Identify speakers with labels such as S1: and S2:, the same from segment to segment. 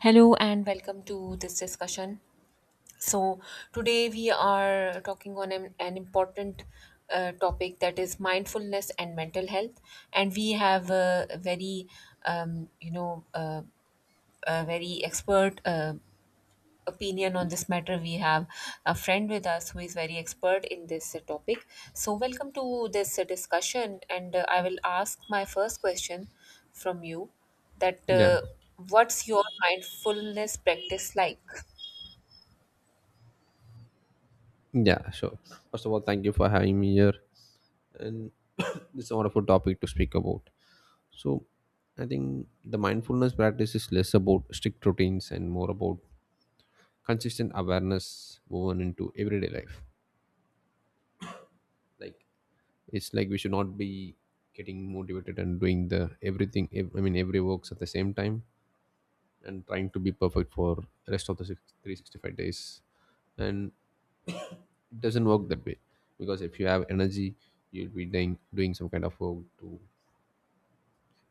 S1: Hello and welcome to this discussion. So, today we are talking on an important topic that is mindfulness and mental health. And we have um, you know, uh, a very expert opinion on this matter. We have a friend with us who is very expert in this topic. So, welcome to this discussion. And I will ask my first question from you that
S2: Yeah,
S1: what's your mindfulness practice like?
S2: yeah, sure. First of all, thank you for having me here, and it's a wonderful topic to speak about. So, I think the mindfulness practice is less about strict routines and more about consistent awareness woven into everyday life. Like it's like we should not be getting motivated and doing the everything. Ev- I mean, every works at the same time and trying to be perfect for rest of the 365 days, and it doesn't work that way, because if you have energy you'll be doing some kind of work to,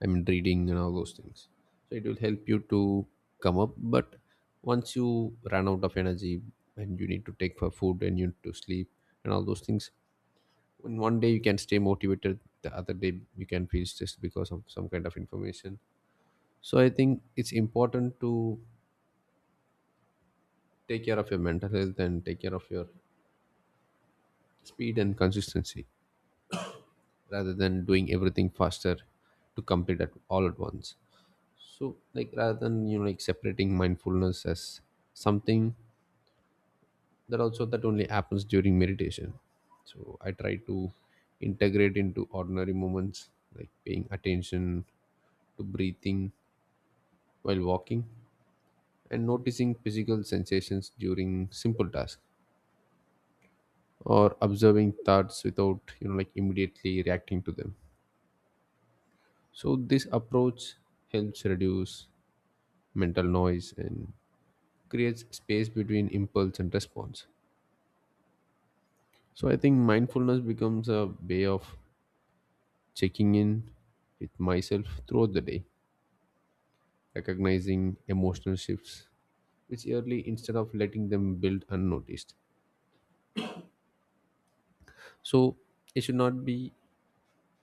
S2: I mean reading and all those things, so it will help you to come up. But once you run out of energy and you need to take for food and you need to sleep and all those things, in one day you can stay motivated, the other day you can feel stressed because of some kind of information. So I think it's important to take care of your mental health and take care of your speed and consistency, rather than doing everything faster to complete it all at once. So, like rather than you know like separating mindfulness as something that also that only happens during meditation, so I try to integrate into ordinary moments, like paying attention to breathing while walking, and noticing physical sensations during simple tasks, or observing thoughts without you know like immediately reacting to them. So this approach helps reduce mental noise and creates space between impulse and response. So I think mindfulness becomes a way of checking in with myself throughout the day, recognizing emotional shifts which early instead of letting them build unnoticed. So it should not be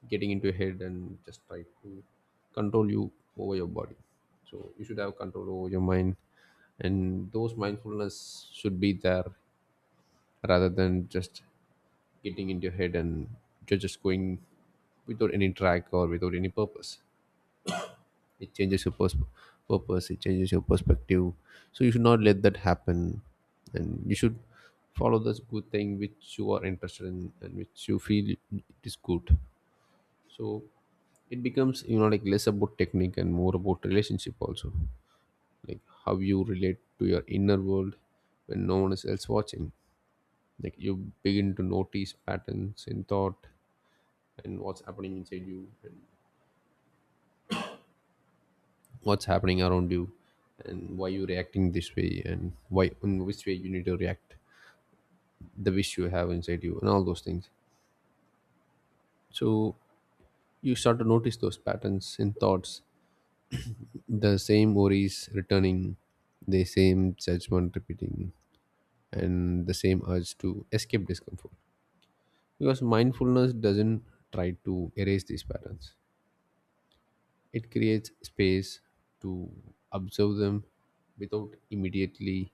S2: getting into your head and just try to control you over your body. So you should have control over your mind, and those mindfulness should be there rather than just getting into your head, and you're just going without any track or without any purpose. It changes your perspective, so you should not let that happen, and you should follow this good thing which you are interested in and which you feel it is good. So it becomes you know like less about technique and more about relationship also, like how you relate to your inner world when no one is else watching. Like you begin to notice patterns in thought, and what's happening inside you, and what's happening around you, and why you reacting this way, and why in which way you need to react, the wish you have inside you, and all those things. So you start to notice those patterns in thoughts, the same worries returning, the same judgment repeating, and the same urge to escape discomfort, because mindfulness doesn't try to erase these patterns. It creates space to observe them without immediately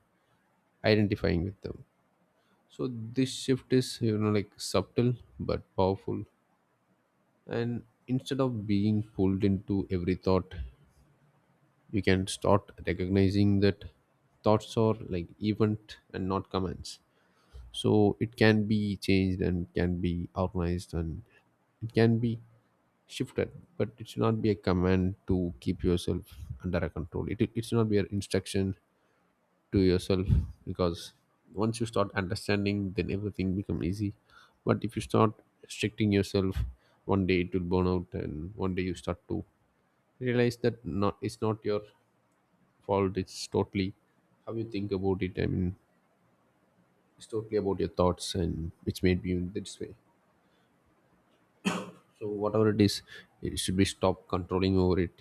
S2: identifying with them. So this shift is you know like subtle but powerful. And instead of being pulled into every thought, you can start recognizing that thoughts are like event and not commands. So it can be changed and can be organized, and it can be shifted, but it should not be a command to keep yourself under a control. It should not be an instruction to yourself, because once you start understanding then everything become easy, but if you start restricting yourself, one day it will burn out, and one day you start to realize that not it's not your fault. It's totally how you think about it, I mean it's totally about your thoughts and which made you in this way. So whatever it is, it should be stop controlling over it,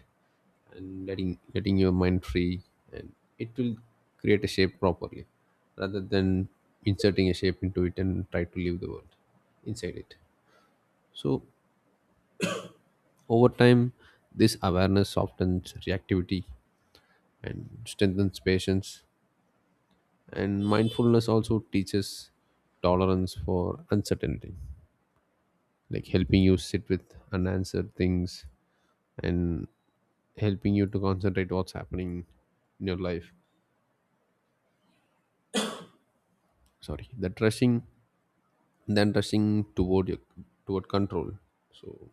S2: and letting your mind free, and it will create a shape properly, rather than inserting a shape into it and try to leave the world inside it. So over time this awareness softens reactivity and strengthens patience, and mindfulness also teaches tolerance for uncertainty, like helping you sit with unanswered things, and helping you to concentrate what's happening in your life, sorry that rushing than rushing toward toward control. So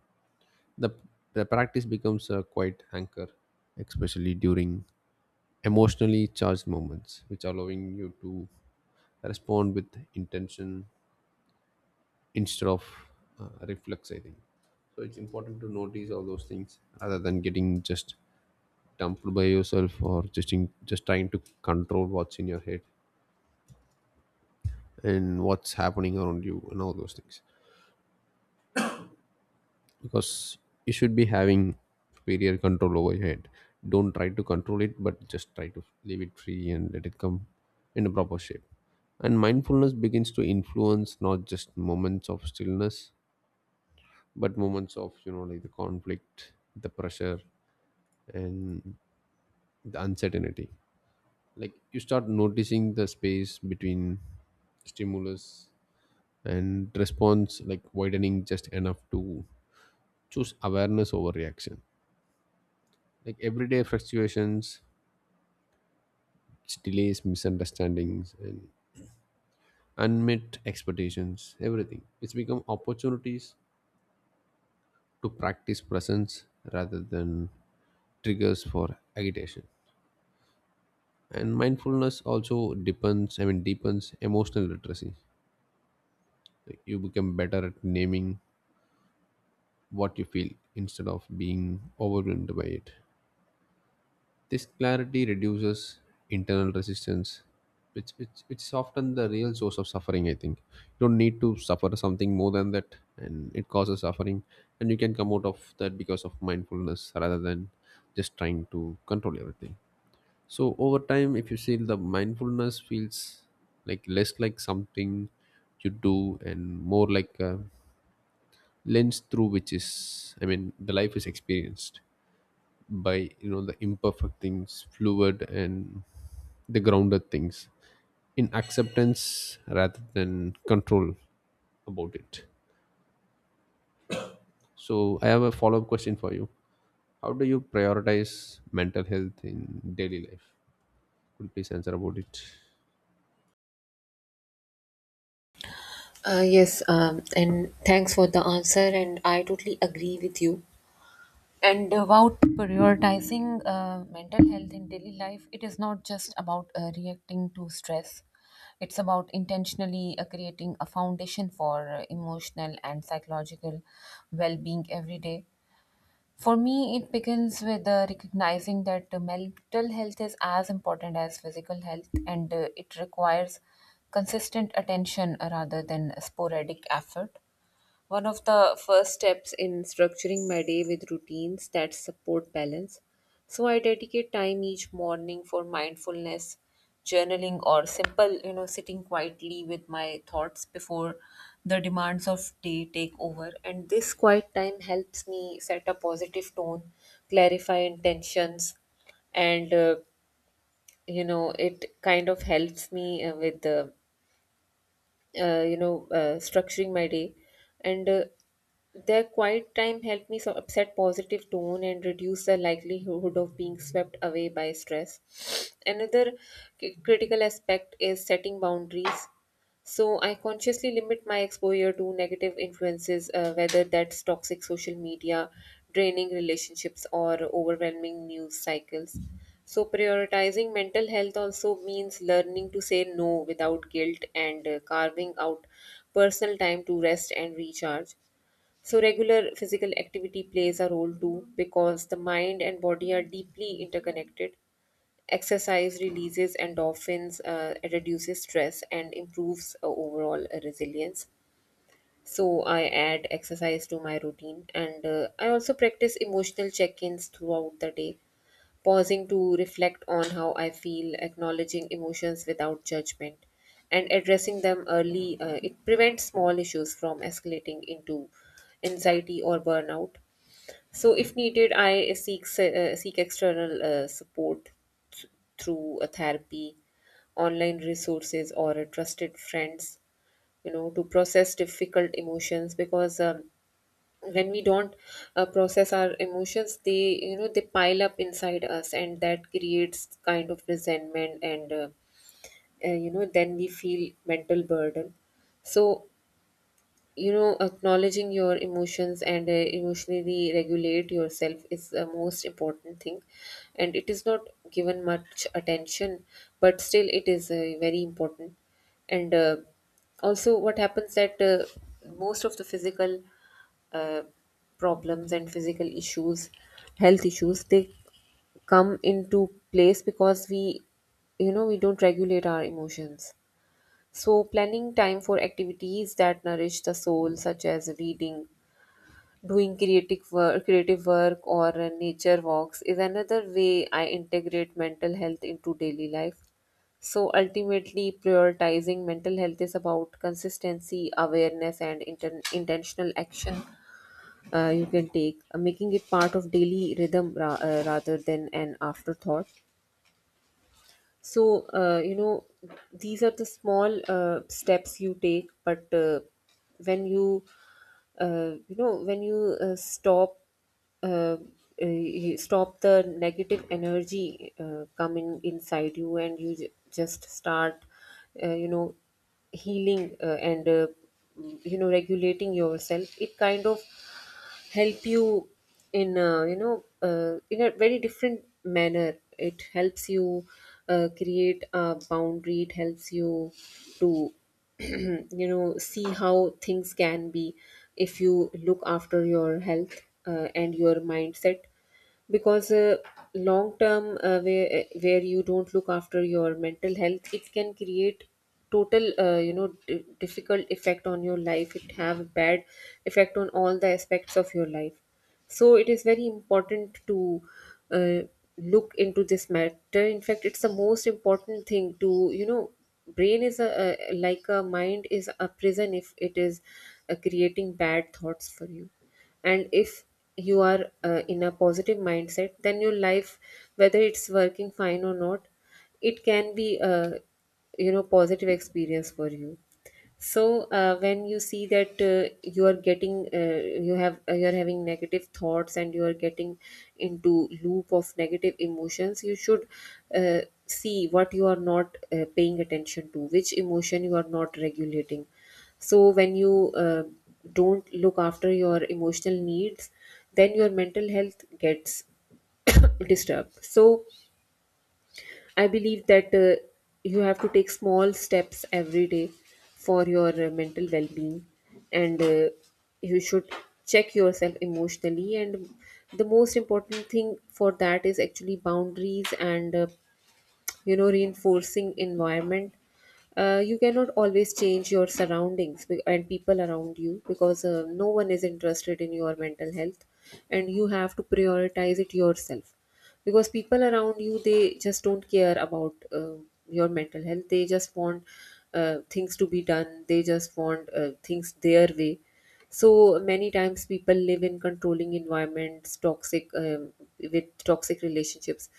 S2: the the practice becomes a quiet anchor, especially during emotionally charged moments, which allowing you to respond with intention instead of reflex. I think so. It's important to notice all those things rather than getting just dumped by yourself, or just trying to control what's in your head and what's happening around you and all those things. Because you should be having superior control over your head. Don't try to control it, but just try to leave it free and let it come in a proper shape. And mindfulness begins to influence not just moments of stillness, but moments of you know like the conflict, the pressure, and the uncertainty. Like you start noticing the space between stimulus and response, like widening just enough to choose awareness over reaction. Like everyday fluctuations, delays, misunderstandings, and unmet expectations, everything it's become opportunities to practice presence rather than triggers for agitation. And mindfulness also depends I mean deepens emotional literacy, like you become better at naming what you feel instead of being overwhelmed by it. This clarity reduces internal resistance, which it's often the real source of suffering. I think you don't need to suffer something more than that, and it causes suffering, and you can come out of that because of mindfulness rather than just trying to control everything. So over time, if you see the mindfulness feels like less like something you do and more like a lens through which is, I mean, the life is experienced by you know the imperfect things fluid and the grounded things in acceptance rather than control about it. So I have a follow-up question for you. How do you prioritize mental health in daily life? Could you please answer about it?
S1: Yes, and thanks for the answer. And I totally agree with you. And about prioritizing mental health in daily life, it is not just about reacting to stress. It's about intentionally creating a foundation for emotional and psychological well being every day. For me, it begins with recognizing that mental health is as important as physical health, and it requires consistent attention rather than sporadic effort. One of the first steps in structuring my day with routines that support balance. So I dedicate time each morning for mindfulness, journaling, or simple, sitting quietly with my thoughts before the demands of day take over. And this quiet time helps me set a positive tone, clarify intentions, and it kind of helps me with the structuring my day. And Their quiet time helped me so upset positive tone and reduce the likelihood of being swept away by stress. Another critical aspect is setting boundaries. So I consciously limit my exposure to negative influences, whether that's toxic social media, draining relationships, or overwhelming news cycles. So prioritizing mental health also means learning to say no without guilt and carving out personal time to rest and recharge. So regular physical activity plays a role too, because the mind and body are deeply interconnected. Exercise releases endorphins, it reduces stress, and improves overall resilience. So, I add exercise to my routine, and I also practice emotional check ins throughout the day, pausing to reflect on how I feel, acknowledging emotions without judgment, and addressing them early. It prevents small issues from escalating into anxiety or burnout. So, if needed, I seek external support th- through a therapy, online resources, or a trusted friends, to process difficult emotions, because when we don't process our emotions, they you know they pile up inside us, and that creates kind of resentment, and then we feel mental burden. So acknowledging your emotions and emotionally regulate yourself is the most important thing, and it is not given much attention, but still it is very important. And also what happens that most of the physical uh, problems and physical issues health issues, they come into place because we you know we don't regulate our emotions. So, planning time for activities that nourish the soul, such as reading, doing creative work, or nature walks, is another way I integrate mental health into daily life. So, ultimately, prioritizing mental health is about consistency, awareness, and intentional action you can take, making it part of daily rhythm rather than an afterthought. So, these are the small steps you take, but when you, when you stop, uh, uh, stop the negative energy coming inside you, and you just start uh, you know, healing and regulating yourself. It kind of help you in a very different manner. It helps you create a boundary. It helps you to see how things can be if you look after your health and your mindset. Because long term, where you don't look after your mental health, it can create total difficult effect on your life. It have a bad effect on all the aspects of your life. So it is very important to uh, look into this matter. In fact, it's the most important thing to. You know, brain is a like a mind is a prison if it is creating bad thoughts for you. And if you are in a positive mindset, then your life, whether it's working fine or not, it can be a positive experience for you. So when you see that you are having negative thoughts and you are getting into loop of negative emotions, you should see what you are not paying attention to, which emotion you are not regulating. So when you don't look after your emotional needs, then your mental health gets disturbed. So I believe that you have to take small steps every day for your mental well-being, and you should check yourself emotionally. And the most important thing for that is actually boundaries and reinforcing environment. You cannot always change your surroundings and people around you, because no one is interested in your mental health and you have to prioritize it yourself. Because people around you, they just don't care about your mental health. They just want things to be done. They just want things their way. So many times people live in controlling environments, toxic, with toxic relationships,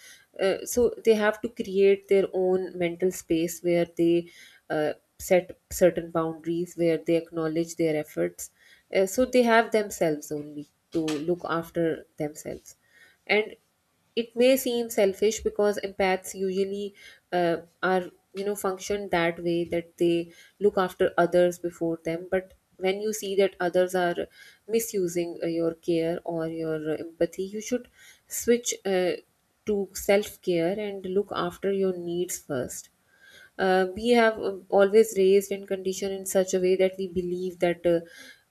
S1: so they have to create their own mental space where they uh, set certain boundaries, where they acknowledge their efforts, so they have themselves only to look after themselves. And it may seem selfish, because empaths usually are function that way, that they look after others before them. But when you see that others are misusing your care or your empathy, you should switch to self care and look after your needs first. We have always raised and conditioned in such a way that we believe that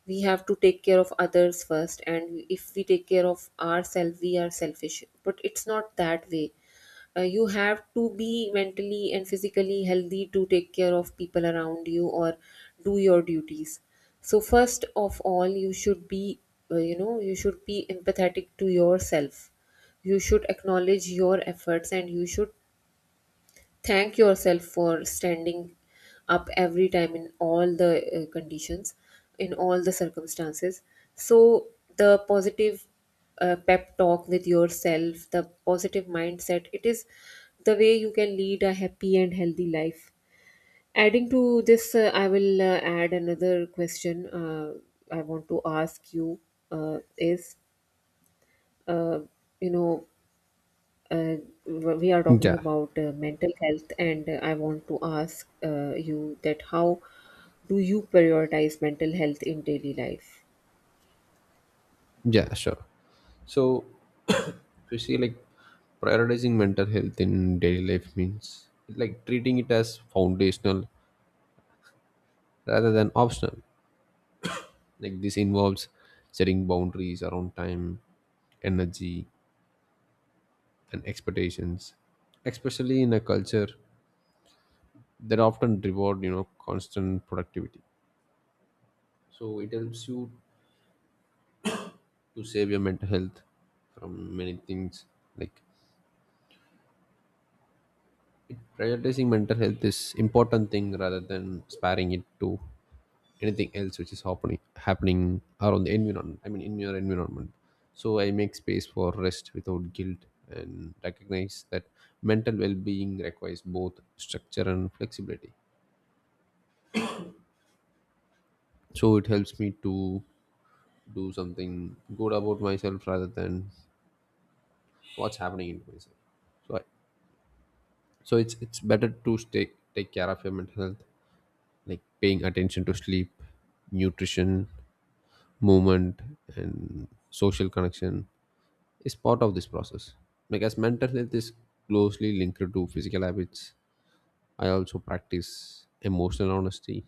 S1: we have to take care of others first, and if we take care of ourselves we are selfish, but it's not that way. You have to be mentally and physically healthy to take care of people around you or do your duties. So first of all you should be you should be empathetic to yourself. You should acknowledge your efforts and you should thank yourself for standing up every time, in all the conditions, in all the circumstances. So the positive pep talk with yourself, the positive mindset, it is the way you can lead a happy and healthy life. Adding to this, I will add another question. I want to ask you, is uh, you know uh, we are talking
S2: yeah
S1: about mental health, and I want to ask you, that how do you prioritize mental health in daily life?
S2: yeah sure. So if you see like prioritizing mental health in daily life means like treating it as foundational rather than optional. Like this involves setting boundaries around time, energy, and expectations, especially in a culture that often reward you know constant productivity. So it helps you to save your mental health from many things. Like prioritizing mental health is important thing rather than sparing it to anything else which is happening, around the environment. I mean, in your environment. So I make space for rest without guilt and recognize that mental well-being requires both structure and flexibility. So it helps me to do something good about myself rather than what's happening in myself. So I, so it's better to stay take care of your mental health, like paying attention to sleep, nutrition, movement, and social connection is part of this process. Like as mental health is closely linked to physical habits, I also practice emotional honesty,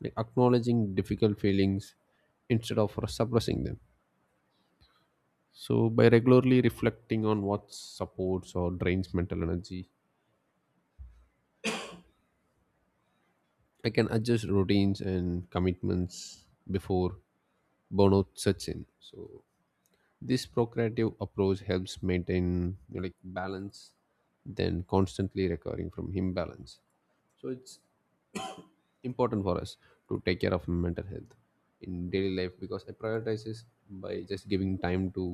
S2: like acknowledging difficult feelings instead of suppressing them. So by regularly reflecting on what supports or drains mental energy, I can adjust routines and commitments before burnout sets in. So this procreative approach helps maintain you know, like balance then constantly recovering from imbalance. So it's important for us to take care of mental health in daily life, because I prioritize this by just giving time to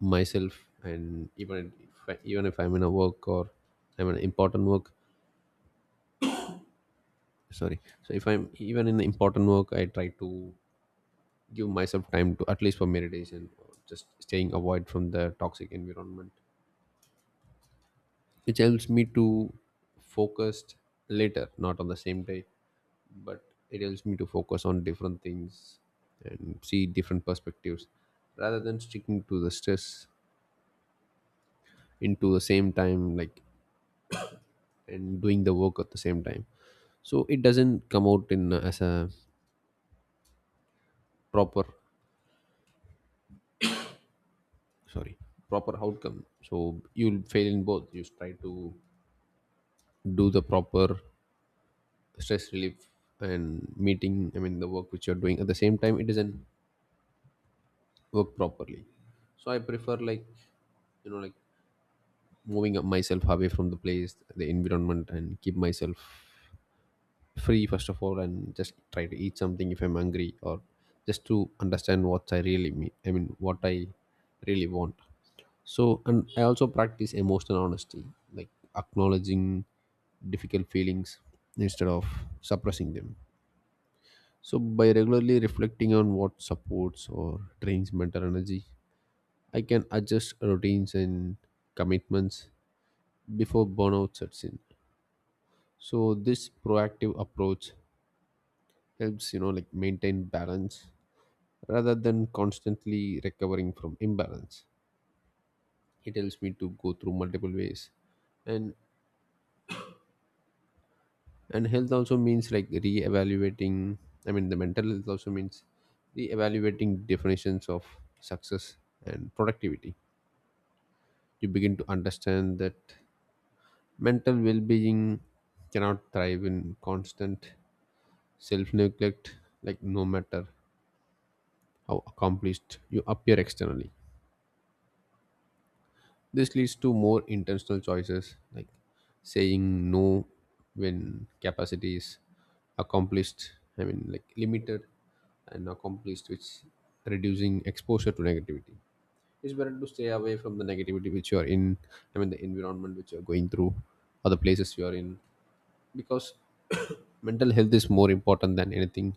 S2: myself. And even if I'm in a work or I'm in an important work, sorry so if I'm even in important work I try to give myself time to at least for meditation, or just staying avoid from the toxic environment, which helps me to focus later, not on the same day, but it helps me to focus on different things and see different perspectives, rather than sticking to the stress into the same time like and doing the work at the same time. So it doesn't come out in as a proper sorry proper outcome, so you'll fail in both. You try to do the proper stress relief and meeting, I mean the work which you're doing at the same time, it doesn't work properly. So I prefer like you know like moving up myself away from the place, the environment, and keep myself free first of all, and just try to eat something if I'm hungry, or just to understand what I really mean, I mean what I really want. So and I also practice emotional honesty, like acknowledging difficult feelings instead of suppressing them. So by regularly reflecting on what supports or drains mental energy, I can adjust routines and commitments before burnout sets in. So this proactive approach helps, you know, like maintain balance rather than constantly recovering from imbalance. It helps me to go through multiple ways. And and health also means like re-evaluating I mean the mental health also means re-evaluating definitions of success and productivity. You begin to understand that mental well-being cannot thrive in constant self-neglect, like no matter how accomplished you appear externally. This leads to more intentional choices like saying no when capacity is accomplished, like limited and accomplished, which reducing exposure to negativity. It's better to stay away from the negativity which you are in, the environment which you are going through or the places you are in, because mental health is more important than anything,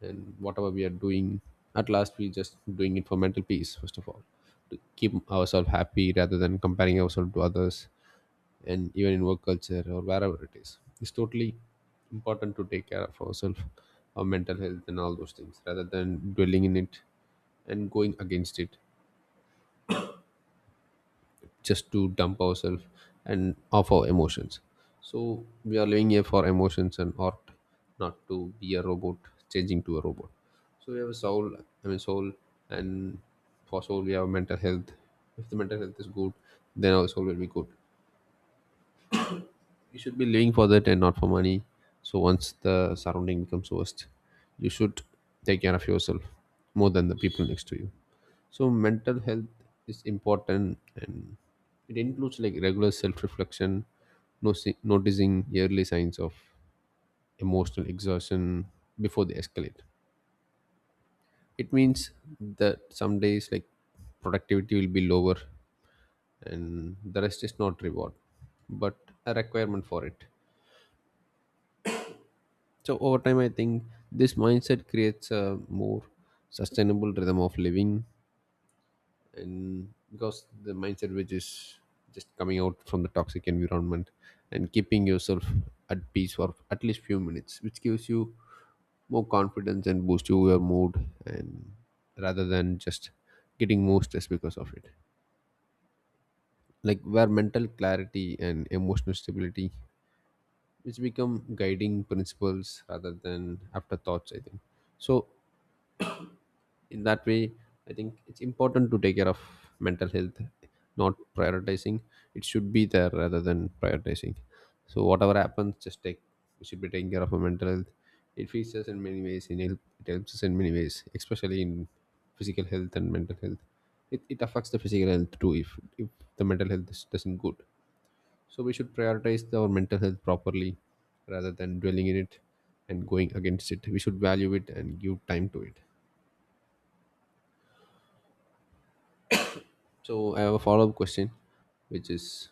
S2: and whatever we are doing, at last we just doing it for mental peace first of all, to keep ourselves happy rather than comparing ourselves to others. And even in work culture or wherever it is, it's totally important to take care of ourselves, our mental health and all those things, rather than dwelling in it and going against it, just to dump ourselves and of our emotions. So we are living here for emotions and art, not to be a robot, changing to a robot. So we have a soul, soul and for soul we have mental health. If the mental health is good, then our soul will be good. You should be living for that and not for money. So once the surrounding becomes worst, you should take care of yourself more than the people next to you. So mental health is important, and it includes like regular self-reflection, noticing early signs of emotional exhaustion before they escalate. It means that some days like productivity will be lower, and the rest is not reward, but a requirement for it. So over time, I think this mindset creates a more sustainable rhythm of living, and because the mindset which is just coming out from the toxic environment and keeping yourself at peace for at least few minutes, which gives you more confidence and boost you your mood, and rather than just getting more stress because of it. Like where mental clarity and emotional stability, which become guiding principles rather than afterthoughts, I think. So in that way I think it's important to take care of mental health, not prioritizing, it should be there rather than prioritizing. So whatever happens, just take, we should be taking care of our mental health. It features in many ways in help, it helps us in many ways, especially in physical health and mental health. It affects the physical health too if the mental health is, doesn't good. So we should prioritize our mental health properly rather than dwelling in it and going against it. We should value it and give time to it. So I have a follow-up question, which is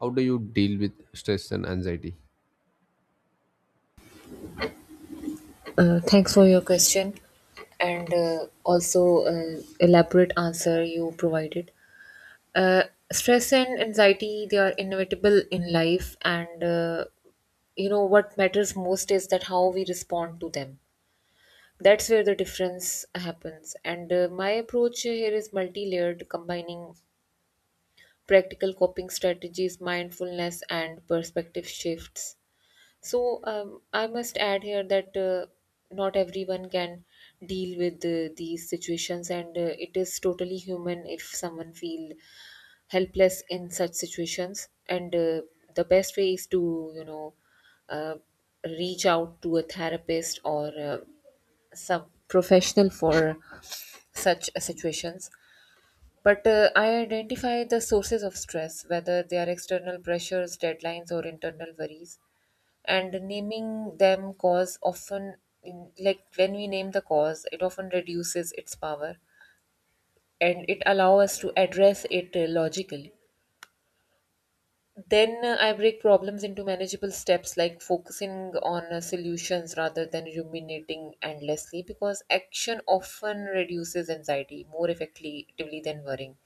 S2: how do you deal with stress and anxiety?
S1: Thanks for your question, and also elaborate answer you provided. Uh, Stress and anxiety, they are inevitable in life, and you know what matters most is that how we respond to them. That's where the difference happens. And my approach here is multi-layered, combining practical coping strategies, mindfulness, and perspective shifts. So, I must add here that not everyone can deal with these situations, and it is totally human if someone feel helpless in such situations. And the best way is to, uh, reach out to a therapist or some professional for such situations. But I identify the sources of stress, whether they are external pressures, deadlines, or internal worries. And naming them cause often, like when we name the cause, it often reduces its power and it allows us to address it logically. Then I break problems into manageable steps, like focusing on solutions rather than ruminating endlessly, because action often reduces anxiety more effectively than worrying.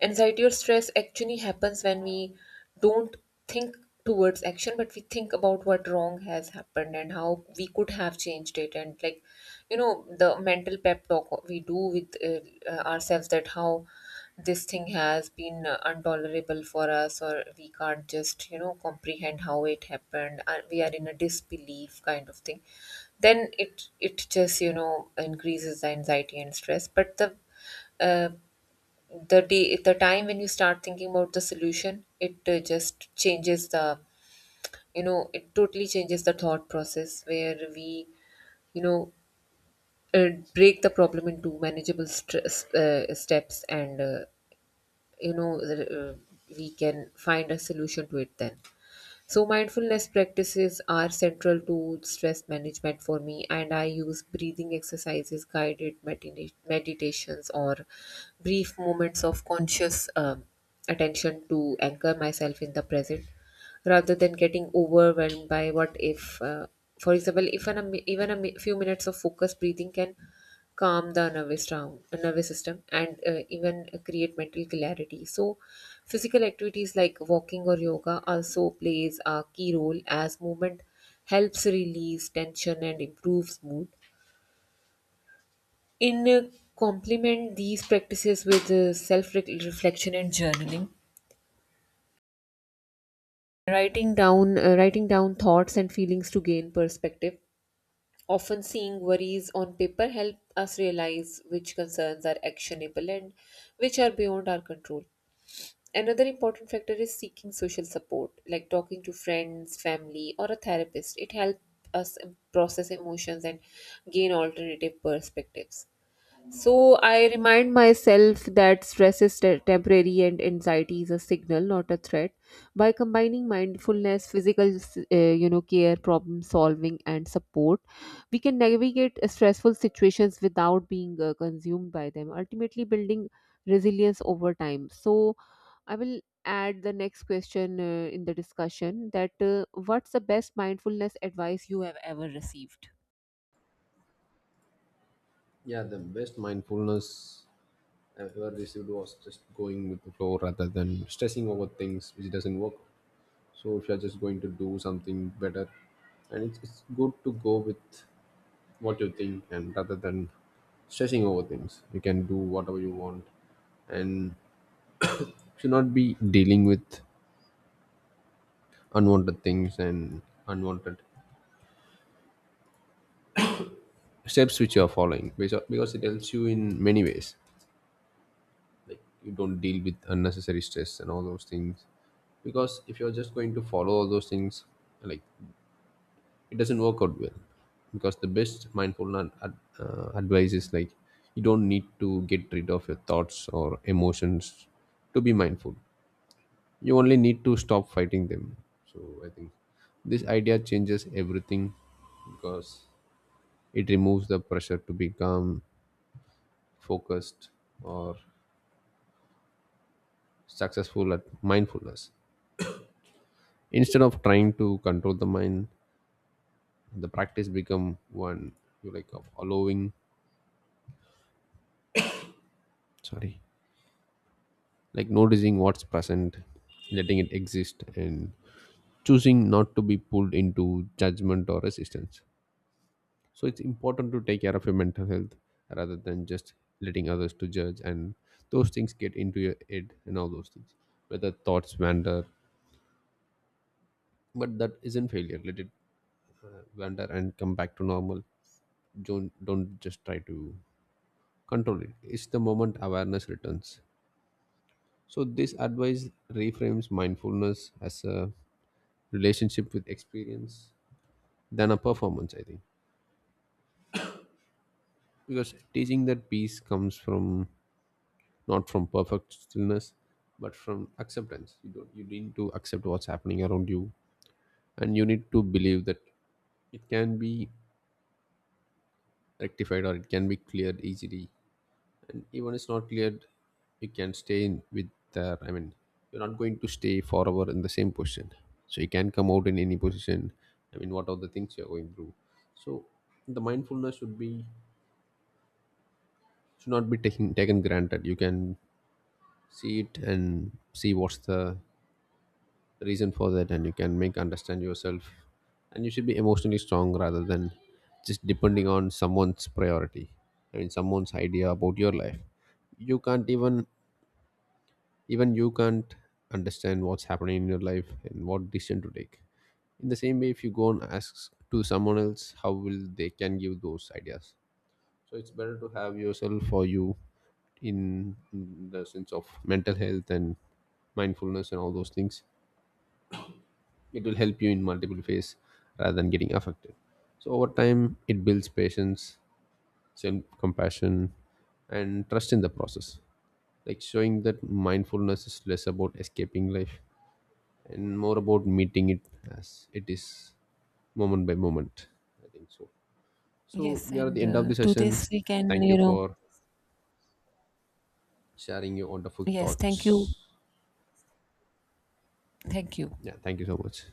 S1: Anxiety or stress actually happens when we don't think towards action, but we think about what wrong has happened and how we could have changed it. And, the mental pep talk we do with ourselves, that how this thing has been intolerable for us, or we can't just, comprehend how it happened, and we are in a disbelief kind of thing, then it just increases the anxiety and stress. But uh, the time when you start thinking about the solution, it just changes the it totally changes the thought process, where we you know uh, break the problem into manageable stress, steps, and you know uh, we can find a solution to it then. So mindfulness practices are central to stress management for me, and I use breathing exercises, guided meditations, or brief moments of conscious attention to anchor myself in the present rather than getting overwhelmed by what if. For example, if an, ami- even a mi- few minutes of focused breathing can calm the nervous down nervous system and even create mental clarity. So physical activities like walking or yoga also plays a key role, as movement helps release tension and improves mood. In Complement these practices with self reflection and journaling, writing down thoughts and feelings to gain perspective. Often seeing worries on paper help us realize which concerns are actionable and which are beyond our control. Another important factor is seeking social support, like talking to friends, family, or a therapist. It helps us process emotions and gain alternative perspectives. So I remind myself that stress is temporary and anxiety is a signal, not a threat. By combining mindfulness, physical, care, problem solving, and support, we can navigate stressful situations without being consumed by them, ultimately building resilience over time. So I will add the next question in the discussion, that what's the best mindfulness advice you have ever received?
S2: Yeah, the best mindfulness I've ever received was just going with the flow rather than stressing over things which doesn't work. So if you're just going to do something better, and it's good to go with what you think, and rather than stressing over things, you can do whatever you want and should not be dealing with unwanted things and unwanted steps which you are following, because it helps you in many ways, like you don't deal with unnecessary stress and all those things. Because if you're just going to follow all those things, like it doesn't work out well. Because the best mindfulness advice is like, you don't need to get rid of your thoughts or emotions to be mindful, you only need to stop fighting them. So I think this idea changes everything, because it removes the pressure to be calm, focused, or successful at mindfulness. Instead of trying to control the mind, the practice become one you like of allowing, sorry, like noticing what's present, letting it exist, and choosing not to be pulled into judgment or resistance. So it's important to take care of your mental health, rather than just letting others to judge and those things get into your head and all those things. Whether thoughts wander, but that isn't failure, let it wander and come back to normal. Don't just try to control it, it's the moment awareness returns. So this advice reframes mindfulness as a relationship with experience than a performance, I think. Because teaching that peace comes from, not from perfect stillness, but from acceptance. You don't you need to accept what's happening around you, and you need to believe that it can be rectified or it can be cleared easily. And even it's not cleared, you can stay in with the, you're not going to stay forever in the same position, so you can come out in any position, what are the things you're going through. So the mindfulness should not be taken granted. You can see it and see what's the reason for that, and you can make understand yourself, and you should be emotionally strong rather than just depending on someone's priority, someone's idea about your life. You can't even even you can't understand what's happening in your life and what decision to take. In the same way, if you go and ask to someone else, how will they can give those ideas? So it's better to have yourself or you, in the sense of mental health and mindfulness and all those things. It will help you in multiple ways rather than getting affected. So over time it builds patience, self compassion, and trust in the process, like showing that mindfulness is less about escaping life and more about meeting it as it is, moment by moment, I think so. So
S1: Yes,
S2: we are at the
S1: and
S2: end of the
S1: to
S2: session.
S1: this we can,
S2: Thank you for sharing your wonderful
S1: Yes, thank you.
S2: thoughts.
S1: Thank you.
S2: Yeah, thank you so much.